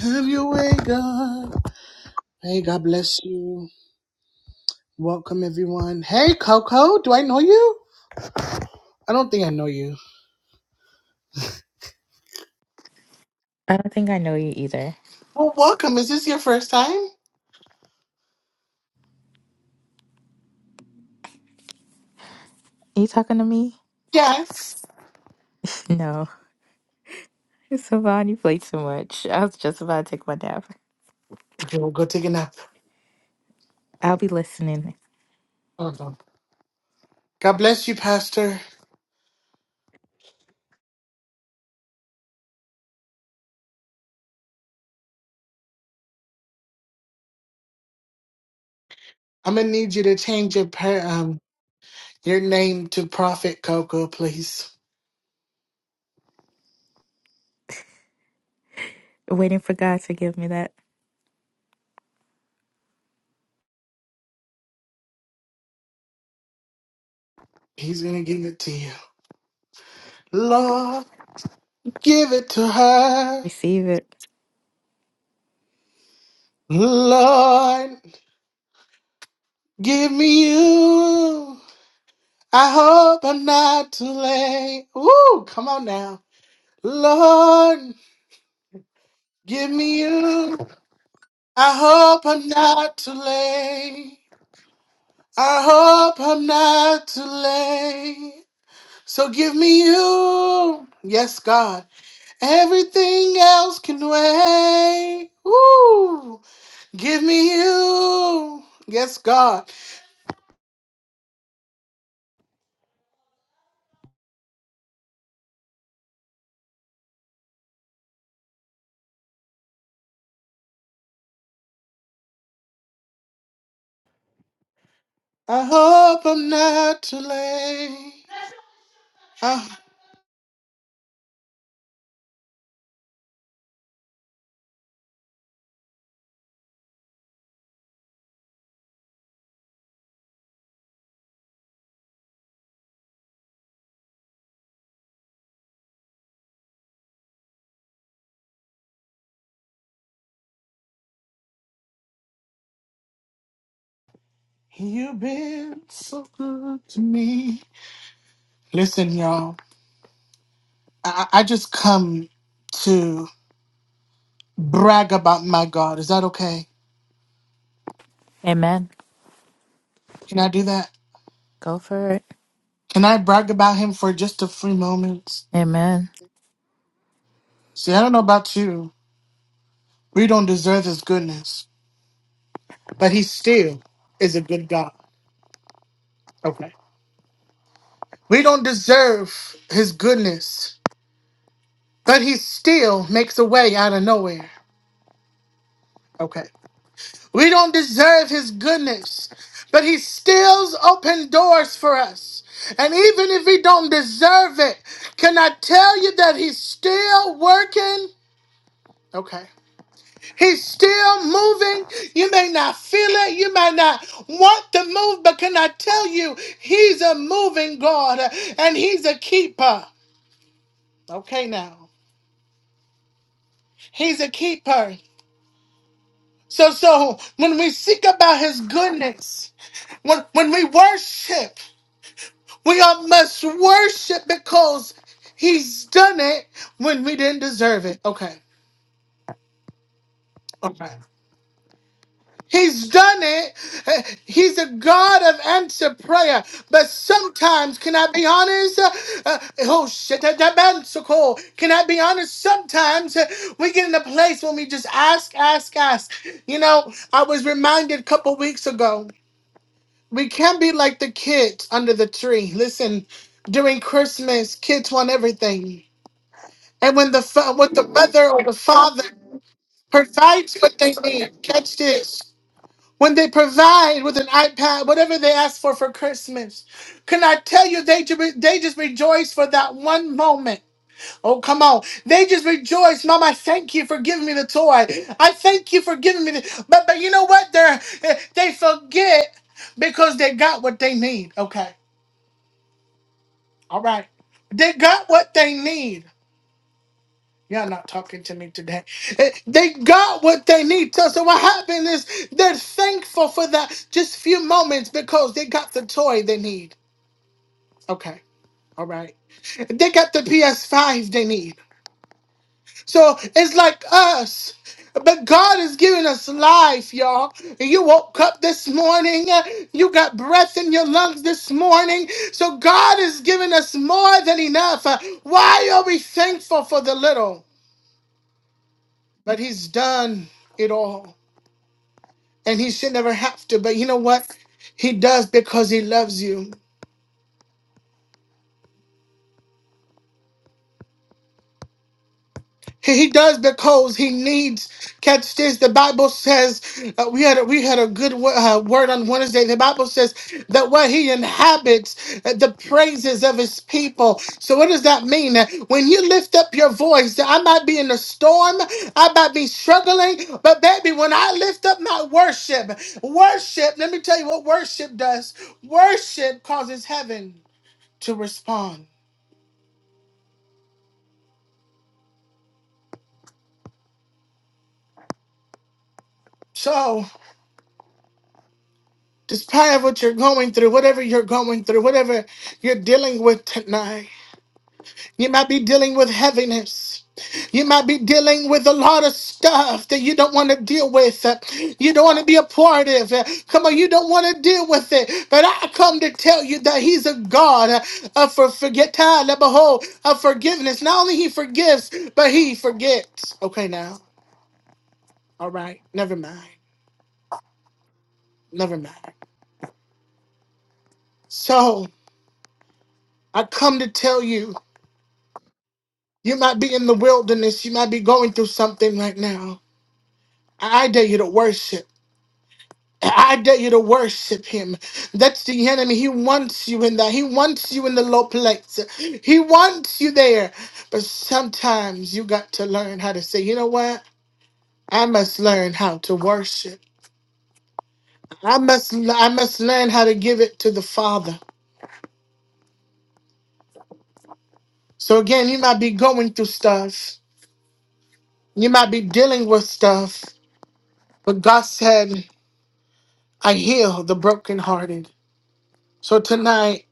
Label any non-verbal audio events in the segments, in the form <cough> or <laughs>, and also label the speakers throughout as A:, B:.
A: Have your way, God. Hey, God bless you. Welcome, everyone. Hey, Coco, do I know you? I don't think I know you.
B: I don't think I know you either.
A: Well, welcome. Is this your first time?
B: Are you talking to me?
A: Yes.
B: No. <laughs> Savon, you played too much. I was just about to take my nap.
A: If you will go take a nap.
B: I'll be listening,
A: Hold on. God bless you, Pastor. I'm gonna need you to change your prayer, um your name to Prophet Coco, please.
B: waiting for God to give me that.
A: He's gonna give it to you. Lord, give it to her.
B: Receive it.
A: Lord, give me you. I hope I'm not too late. Ooh, come on now. Lord, give me you. I hope I'm not too late. I hope I'm not too late. So give me you. Yes, God. Everything else can wait. Ooh, give me you. Yes, God. I hope I'm not too late. Uh, You've been so good to me. Listen, y'all, I, I I just come to brag about my God. Is that okay?
B: Amen.
A: Can I do that?
B: Go for it.
A: Can I brag about him for just a few moments?
B: Amen.
A: See, I don't know about you. We don't deserve his goodness, but he still is a good God. Okay. We don't deserve his goodness, but he still makes a way out of nowhere. Okay. We don't deserve his goodness, but he still open doors for us. And even if we don't deserve it, can I tell you that he's still working? Okay. He's still moving. You may not feel it. You may not want to move, but can I tell you, he's a moving God and he's a keeper. Okay, now. He's a keeper. So, so when we seek about his goodness, when, when we worship, We all must worship because he's done it when we didn't deserve it. Okay. Okay. He's done it. Uh, He's a God of answered prayer. But sometimes, can I be honest? Uh, uh, oh, shit. that- that man so cool. Can I be honest? Sometimes uh, we get in a place when we just ask, ask, ask. You know, I was reminded a couple weeks ago we can't be like the kids under the tree. Listen, during Christmas, kids want everything. And when the fa- when the mother or the father provides what they need, catch this. When they provide with an iPad, whatever they ask for for Christmas, can I tell you they ju- they just rejoice for that one moment. Oh come on! They just rejoice, Mom. I thank you for giving me the toy. I thank you for giving me the. But but you know what? They are they forget because they got what they need. Okay, all right. They got what they need. Y'all not talking to me today. Eh, They got what they need. So, so what happened is they're thankful for that just few moments because they got the toy they need. Okay, all right. They got the PS5 they need. So it's like us. But God is giving us life, y'all. You woke up this morning. eh, You got breath in your lungs this morning. So God is giving us more than enough. Uh, Why are we thankful for the little? but he's done it all and he should never have to but you know what he does because he loves you He he does because he needs. Catch this: the Bible says uh, we had a, we had a good wo- uh, word on Wednesday. The Bible says that what he inhabits, uh, the praises of his people. So what does that mean? Uh, When you lift up your voice, I might be in a storm, I might be struggling, but baby, when I lift up my worship, worship. Let me tell you what worship does. Worship causes heaven to respond. So. despite of what you're going through, whatever you're going through, whatever you're dealing with tonight. You might be dealing with heaviness. You might be dealing with a lot of stuff that you don't want to deal with. Uh, You don't want to be a part of. Uh, Come on, you don't want to deal with it. But I come to tell you that He's a God uh, of for forget time, behold, of forgiveness. Not only He forgives, but He forgets. Okay, now, all right, never mind, never mind. So I come to tell you. You might be in the wilderness. You might be going through something right now. I dare you to worship. I dare you to worship him. That's the enemy. He wants you in that. He wants you in the low place. He wants you there. But sometimes you got to learn how to say, you know what? I must learn how to worship. I must I must learn how to give it to the Father. So again, you might be going through stuff. You might be dealing with stuff. But God said, I heal the brokenhearted. So tonight,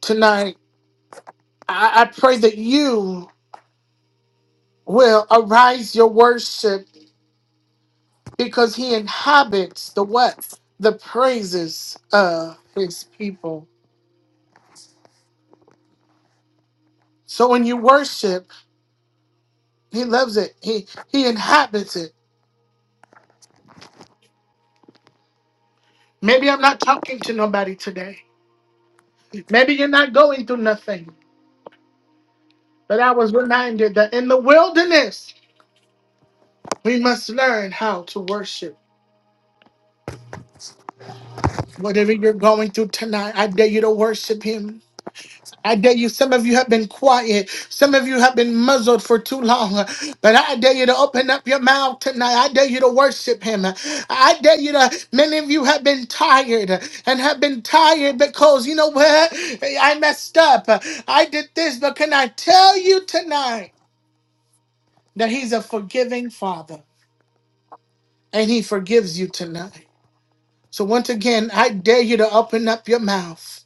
A: tonight, I, I pray that you will arise your worship because he inhabits the what? The praises of his people. So when you worship, he loves it. He he inhabits it. Maybe I'm not talking to nobody today. Maybe you're not going through nothing. But I was reminded that in the wilderness, we must learn how to worship. Whatever you're going through tonight, I dare you to worship him. I dare you, some of you have been quiet. Some of you have been muzzled for too long. But I dare you to open up your mouth tonight. I dare you to worship Him. I dare you to, many of you have been tired and have been tired because, you know what? I messed up. I did this. But can I tell you tonight that He's a forgiving Father and He forgives you tonight? So once again, I dare you to open up your mouth.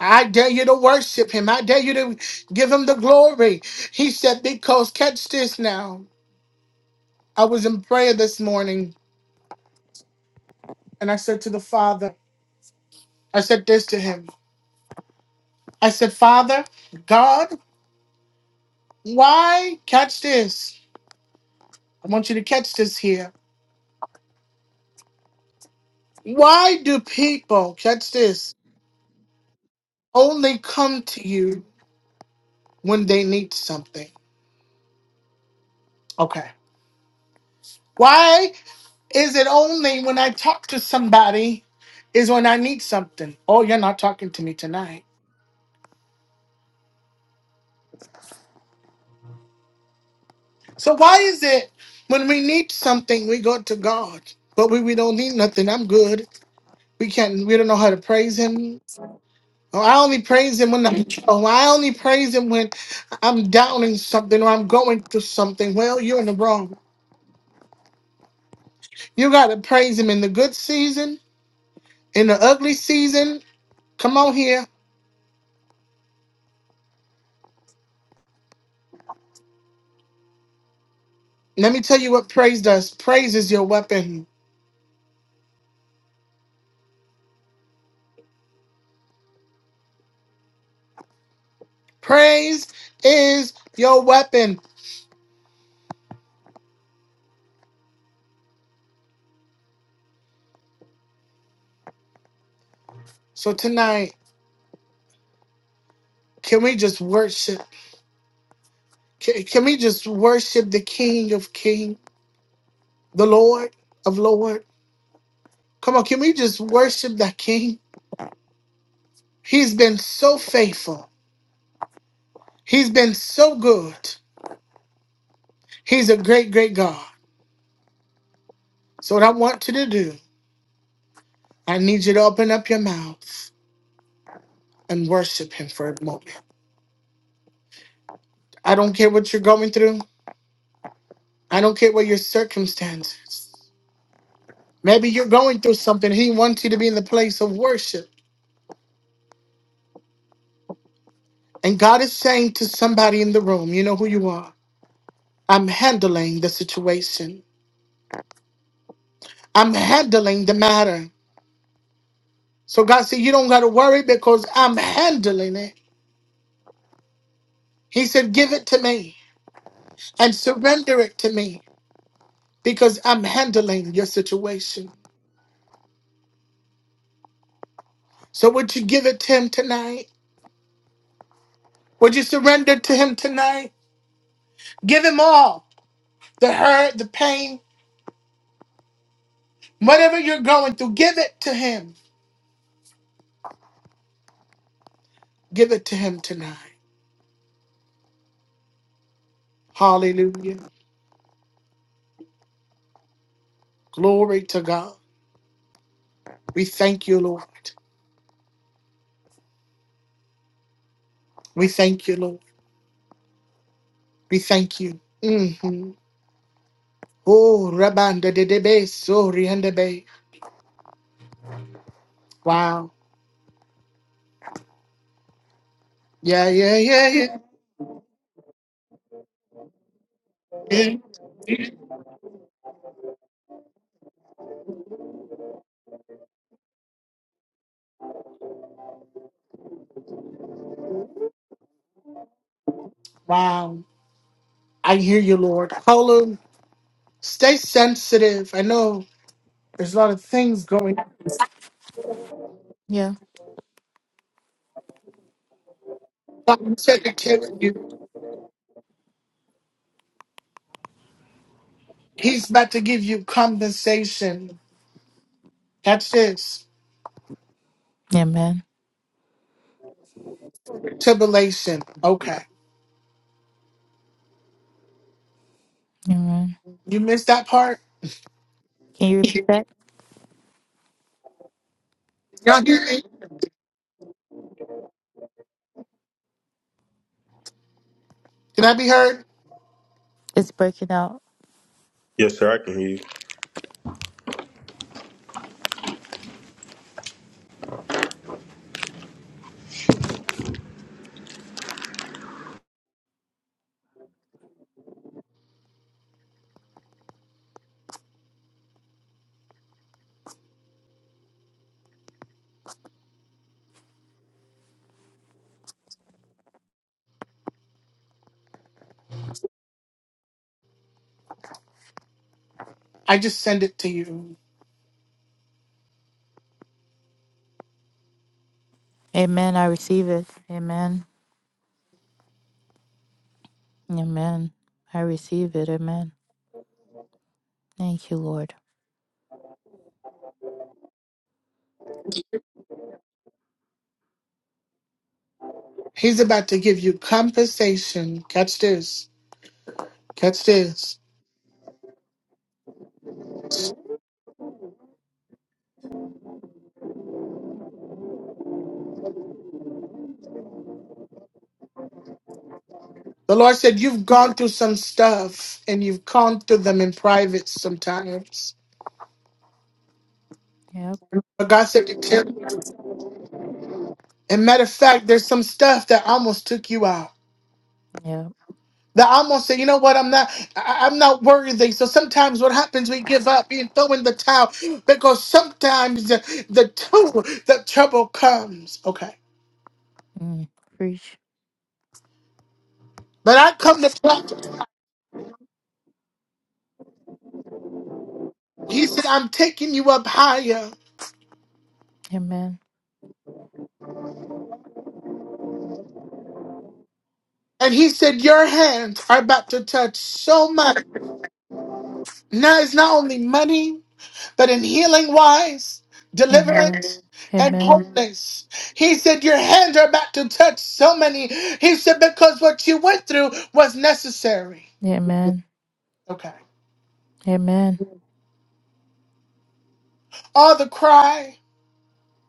A: I dare you to worship him. I dare you to give him the glory. He said, because catch this now. I was in prayer this morning and I said to the Father, I said this to him. I said, Father, God, why catch this? I want you to catch this here. Why do people, catch this, only come to you when they need something? Okay. Why? Is it only when I talk to somebody is when I need something? Oh, you're not talking to me tonight. So why is it when we need something we go to God, but we, we don't need nothing? I'm good. We can't. We don't know how to praise Him. Oh, I only praise Him when I'm. Oh, I only praise Him when I'm downing something or I'm going through something. Well, you're in the wrong. You gotta praise Him in the good season, in the ugly season. Come on here. Let me tell you what praise does. Praise is your weapon. Praise is your weapon. So tonight, can we just worship? Can, can we just worship the King of King, the Lord of Lord? Come on, can we just worship that King? He's been so faithful. He's been so good. He's a great, great God. So what I want you to do, I need you to open up your mouth and worship Him for a moment. I don't care what you're going through. I don't care what your circumstances. Maybe you're going through something. He wants you to be in the place of worship. And God is saying to somebody in the room, you know who you are. I'm handling the situation. I'm handling the matter. So God said, you don't got to worry because I'm handling it. He said, give it to me and surrender it to me because I'm handling your situation. So would you give it to him tonight? Would you surrender to him tonight? Give him all the hurt, the pain, whatever you're going through, give it to him. Give it to him tonight. Hallelujah. Glory to God. We thank you, Lord. We thank you, Lord. We thank you. hmm Oh, Rabanda de Debe, Sori and Debe. Wow. Yeah, yeah, yeah, yeah. yeah. Wow. I hear you, Lord. Hallelujah. Stay sensitive. I know there's a lot of things going on.
B: Yeah.
A: I'm telling you, He's about to give you compensation. Catch this.
B: Amen.
A: Tribulation. Okay.
B: Amen.
A: You missed that part?
B: Can you repeat that?
A: Y'all hear me? Can I be heard?
B: It's breaking out.
C: Yes, sir. I can hear you.
A: I just send it to you.
B: Amen. I receive it. Amen. Amen. I receive it. Amen. Thank you, Lord.
A: He's about to give you compensation. Catch this. Catch this. The Lord said, You've gone through some stuff and you've gone through them in private sometimes.
B: Yep.
A: But God said to tell you. And matter of fact, there's some stuff that almost took you out.
B: Yep.
A: That almost said, you know what, I'm not I, I'm not worthy. So sometimes what happens, we give up and throw in the towel because sometimes the, the, trouble- the trouble comes. Okay.
B: Mm. Preach.
A: But I come to He said, I'm taking you up higher.
B: Amen.
A: And he said, Your hands are about to touch so much. Now it's not only money, but in healing wise,
B: Amen.
A: deliverance, and
B: Amen.
A: wholeness. He said, Your hands are about to touch so many. He said, Because what you went through was necessary.
B: Amen.
A: Okay.
B: Amen.
A: All the cry.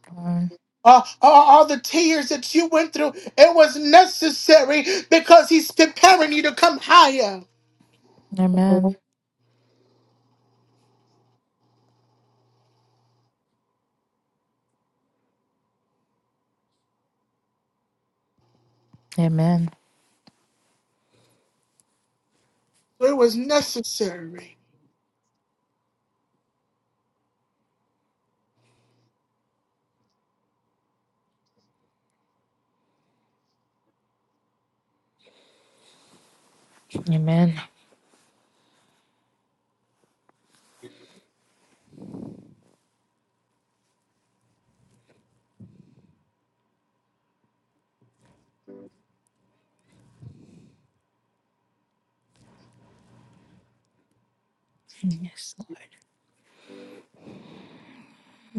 B: Mm.
A: Uh, all all the tears that you went through, it was necessary because he's preparing you to come higher.
B: Amen.
A: So
B: Amen.
A: It was necessary.
B: Amen. Yes, Lord.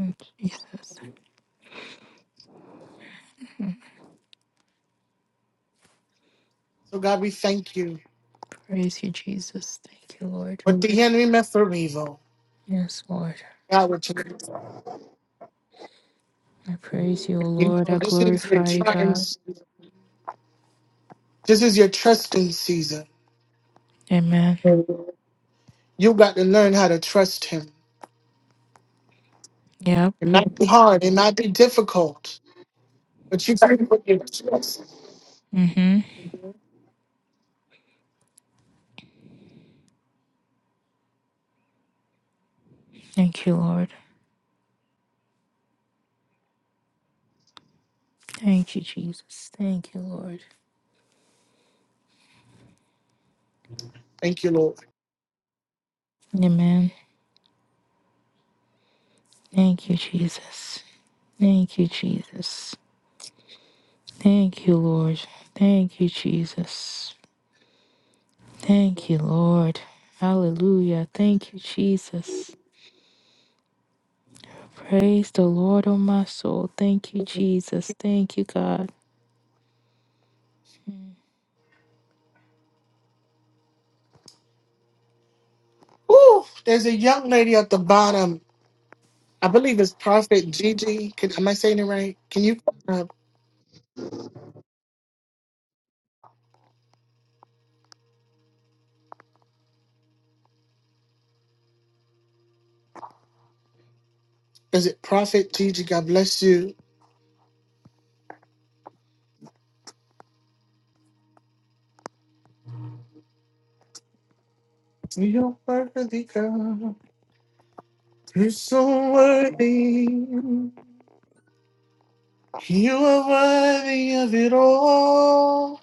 B: Mm, Jesus.
A: So God, we thank you.
B: Praise you, Jesus. Thank you, Lord.
A: What the enemy meant for evil.
B: Yes, Lord.
A: God, what you,
B: I praise you, O
A: you
B: Lord.
A: know,
B: I
A: this is your
B: glorify you,
A: trying,
B: God.
A: this is your trusting season.
B: Amen.
A: You got to learn how to trust him.
B: Yep.
A: It might be hard, it might be difficult, but you gotta put your trust.
B: Mm-hmm. Thank you, Lord. Thank you, Jesus. Thank you, Lord.
A: Thank you, Lord.
B: Amen. Thank you, Jesus. Thank you, Jesus. Thank you, Lord. Thank you, Jesus. Thank you, Lord. Hallelujah. Thank you, Jesus. Praise the Lord, O my soul. Thank you, Jesus. Thank you, God.
A: Ooh, there's a young lady at the bottom. I believe it's Prophet Gigi. Can, am I saying it right? Can you uh, is it Prophet Gigi? God bless you. You're worthy, God. You're so worthy. You are worthy of it all.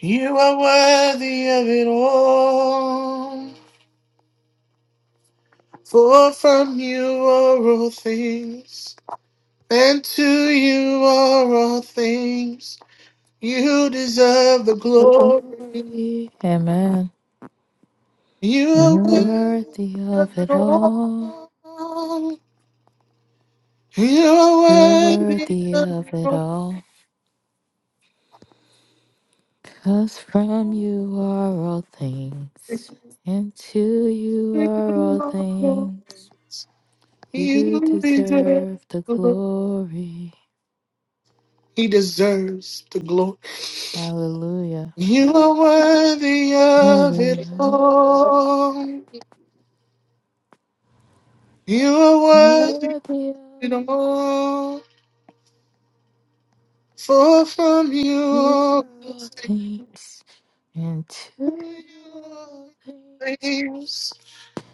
A: You are worthy of it all. For from you are all things, and to you are all things. You deserve the glory.
B: glory. Amen.
A: You are
B: You're
A: worthy
B: worthy of
A: of it
B: it all.
A: all. You are
B: You're
A: worthy
B: worthy
A: of
B: of
A: it all.
B: it all. Cause from you are all things, and to you are all things. You
A: You deserve
B: deserve the
A: the glory.
B: glory.
A: He deserves the glory.
B: Hallelujah.
A: You are worthy
B: Of
A: of
B: it
A: it all. You are worthy
B: Worthy
A: of it all. For from you
B: You
A: all
B: are all things, and to you are all things,
A: things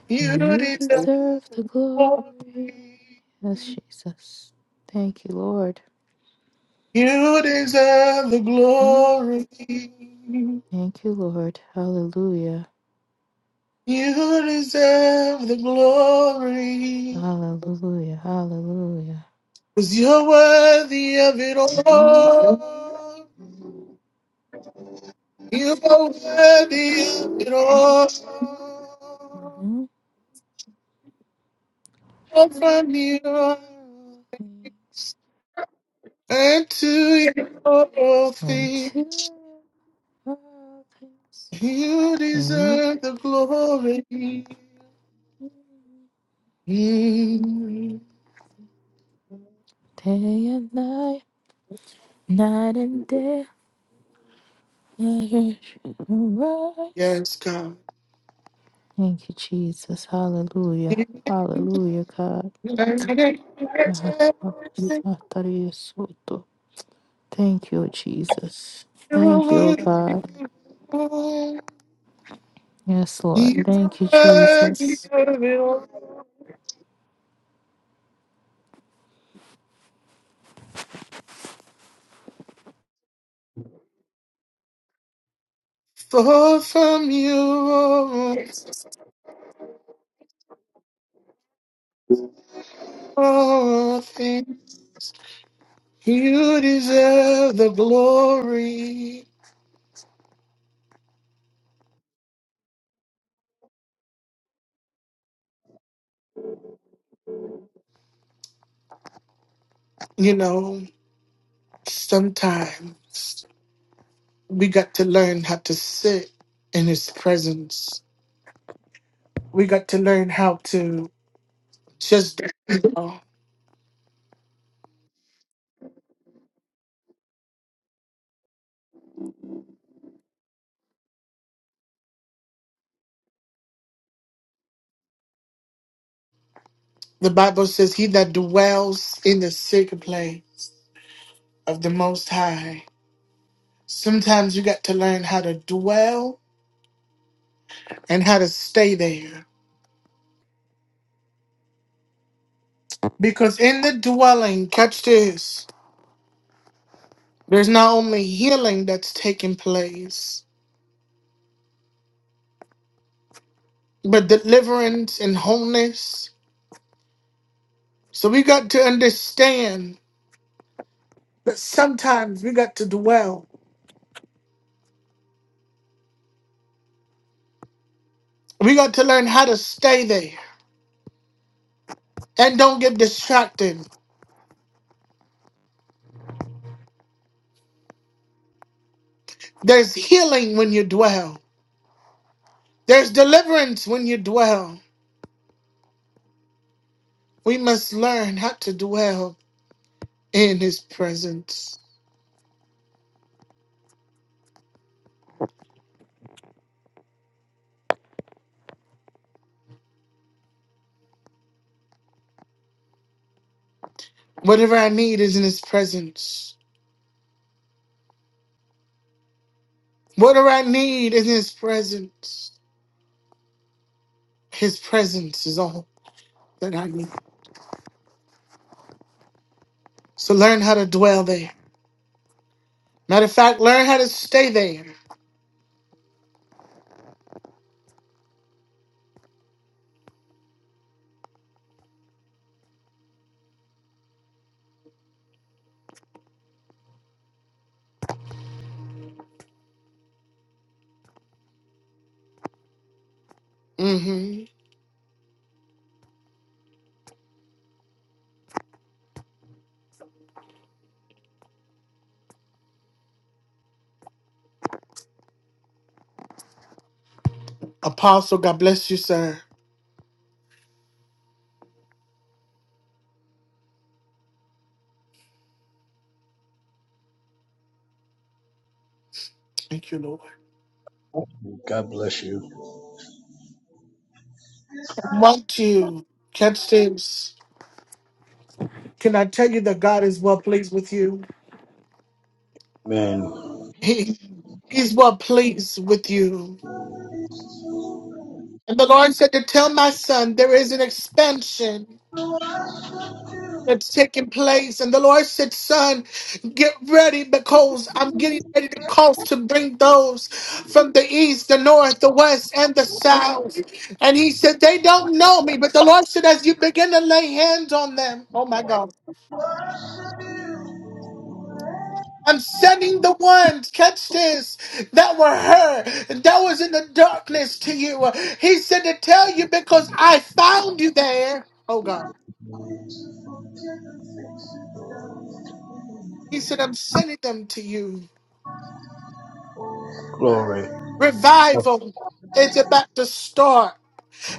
A: you
B: and you
A: deserve
B: deserve the
A: the
B: glory.
A: glory.
B: Yes, Jesus. Thank you, Lord.
A: You deserve the
B: Lord,
A: glory.
B: Thank you, Lord. Hallelujah.
A: You deserve the glory.
B: Hallelujah. Hallelujah.
A: Cause you're worthy of it
B: Mhm.
A: all. You are worthy of it
B: Mhm.
A: all. All
B: You are
A: From you
B: all things,
A: and to you all
B: and to
A: things,
B: you are all things,
A: you
B: and you.
A: deserve the glory. Mm.
B: Day and night. Night and day, I hear you rise.
A: Yes, God.
B: Thank you, Jesus. Hallelujah. Hallelujah, God.
A: You're worthy of it all.
B: Thank you, Jesus.
A: You're
B: Thank you, oh
A: worthy
B: God.
A: of
B: Yes, Lord. Thank you, Jesus.
A: it all. For from you all things. You deserve the glory. You know, sometimes we got to learn how to sit in his presence. We got to learn how to just dwell. The Bible says, He that dwells in the secret place of the Most High. Sometimes you got to learn how to dwell and how to stay there. Because in the dwelling, catch this, there's not only healing that's taking place. but deliverance and wholeness. So we got to understand that sometimes we got to dwell. We got to learn how to stay there and don't get distracted. There's healing when you dwell, there's deliverance when you dwell. We must learn how to dwell in His presence. Whatever I need is in His presence. Whatever I need is in His presence. His presence is all that I need. So learn how to dwell there Matter of fact, learn how to stay there. hmm Apostle, God bless you, sir. Thank you, Lord.
D: God bless you.
A: I want you. Catch this. Can I tell you that God is well pleased with you?
D: Amen.
A: He, he's well pleased with you. And the Lord said to tell my son there is an expansion that's taking place. And the Lord said, Son, get ready because I'm getting ready to cause to bring those from the east, the north, the west, and the south. And he said, They don't know me. But the Lord said, As you begin to lay hands on them, oh my God. I'm sending the ones, catch this, that were hurt, that was in the darkness to you. He said to tell you because I found you there. Oh God. He said, I'm sending them to you.
D: Glory.
A: Revival is about to start.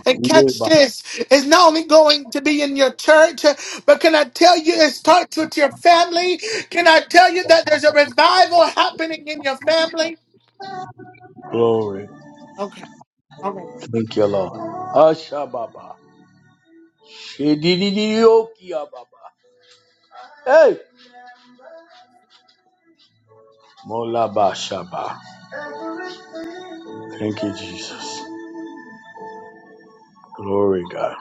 A: And catch
D: Yeba.
A: this, it's not only going to be in your church, but can I tell you it starts with your family? Can I tell you that there's a revival happening in your family?
D: Glory.
A: Okay, all right.
D: Thank you, Lord. Asha Baba. Shedididiokia Baba. Hey. Molaba Shaba. Thank you, Jesus. Glory, God.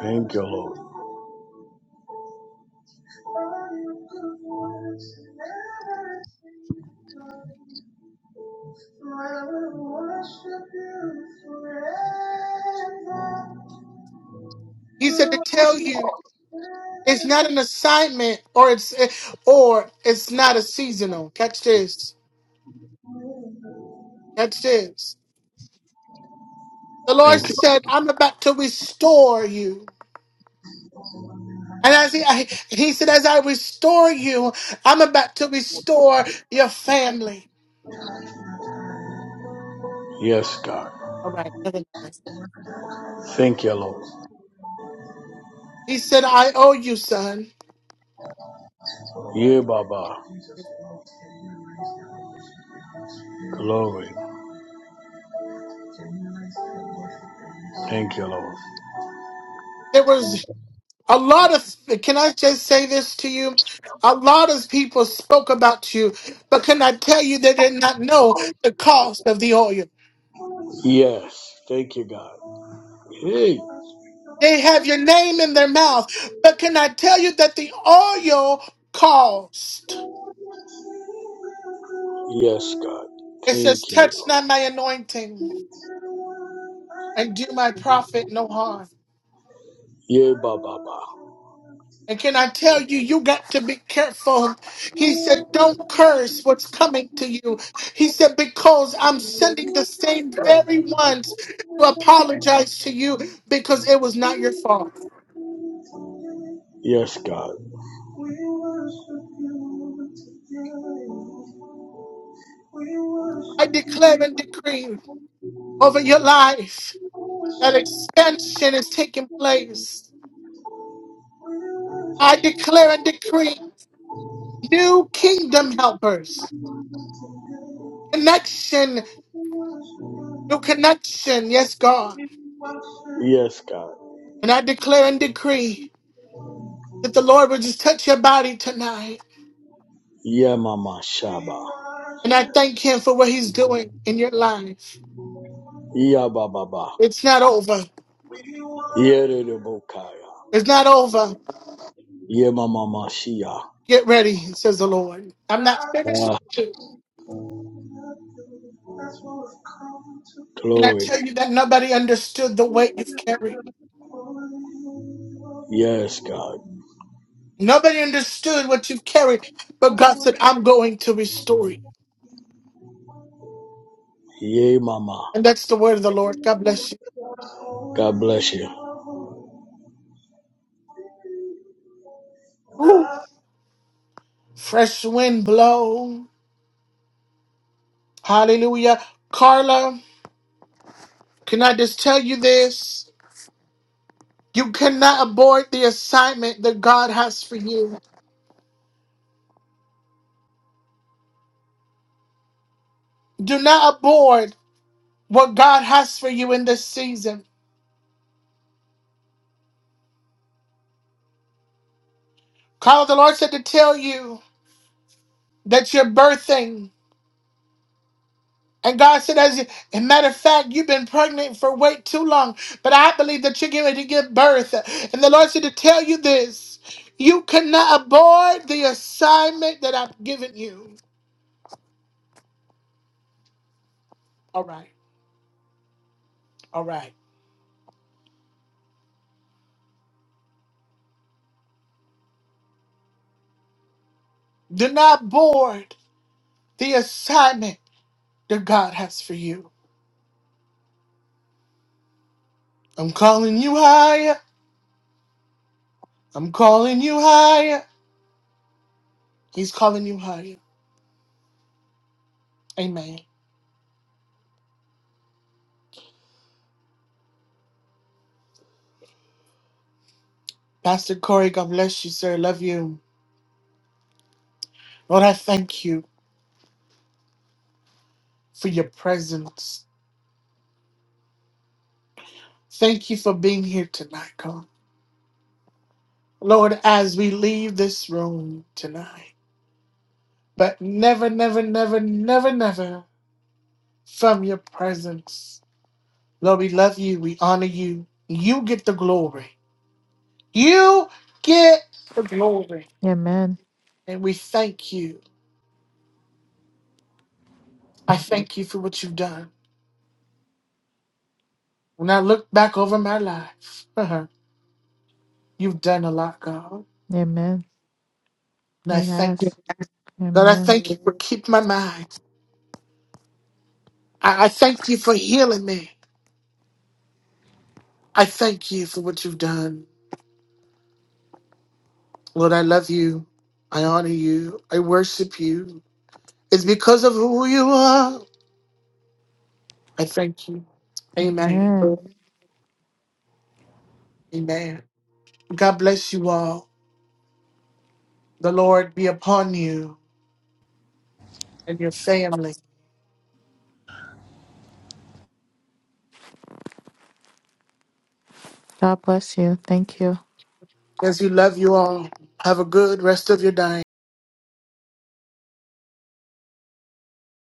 D: Thank you, Lord.
A: He said to tell you it's not an assignment or it's or it's not a seasonal. Catch this. Catch this. The Lord
D: Thank you.
A: said, I'm about to restore you. And as he I, he said, as I restore you, I'm about to restore your family.
D: Yes, God.
A: All right. never mind.
D: Thank you, Lord.
A: He said, I owe you, son.
D: Yeah, Baba. Glory. Thank you, Lord.
A: There was a lot of, can I just say this to you? A lot of people spoke about you, but can I tell you they did not know the cost of the oil?
D: Yes. Thank you, God. Hey.
A: They have your name in their mouth, but can I tell you that the oil cost?
D: Yes, God.
A: It
D: Thank
A: says,
D: you,
A: touch
D: Lord.
A: not my anointing and do my prophet no harm.
D: Yeah, Baba.
A: And can I tell you, you got to be careful. He said, Don't curse what's coming to you. He said, Because I'm sending the same very ones to apologize to you because it was not your fault.
D: Yes, God.
A: I declare and decree over your life that expansion is taking place. I declare and decree new kingdom helpers, connection, new connection. Yes, God.
D: Yes, God.
A: And I declare and decree. That the Lord would just touch your body tonight.
D: Yeah, Mama Shaba.
A: And I thank Him for what He's doing in your life.
D: Yeah, Baba. Ba.
A: It's not over.
D: Yeah, Rere Bokaya.
A: It's not over.
D: Yeah, Mama Mashia.
A: Get ready, says the Lord. I'm not finished
D: Ah,
A: with you. And I
D: glory.
A: tell you that nobody understood the weight you've carried.
D: Yes, God.
A: Nobody understood what you've carried. But God said, I'm going to restore you.
D: Yay, Mama.
A: And that's the word of the Lord. God bless you.
D: God bless you.
A: Woo. Fresh wind blow. Hallelujah. Carla, can I just tell you this? You cannot abort the assignment that God has for you. Do not abort what God has for you in this season. Carl, the Lord said to tell you that you're birthing. And God said, as you, a matter of fact, you've been pregnant for way too long, but I believe that you're getting ready to give birth. And the Lord said to tell you this you cannot abort the assignment that I've given you. All right, all right. Do not abort the assignment that God has for you. I'm calling you higher. I'm calling you higher. He's calling you higher. Amen. Pastor Corey, God bless you, sir. Love you. Lord, I thank you for your presence. Thank you for being here tonight, God. Lord, as we leave this room tonight, but never, never, never, never, never from your presence. Lord, we love you. We honor you. You get the glory. You get the glory.
B: Amen.
A: And we thank you. I thank you for what you've done. When I look back over my life, uh-huh, you've done a lot, God.
B: Amen.
A: And I
B: He
A: thank you.
B: has.
A: God, I
B: Amen.
A: thank you for keeping my mind. I, I thank you for healing me. I thank you for what you've done. Lord, I love you. I honor you. I worship you. It's because of who you are. I thank you. Amen.
B: Amen.
A: Amen. God bless you all. The Lord be upon you and your family.
B: God bless you. Thank you.
A: As you love you all, have a good rest of your day.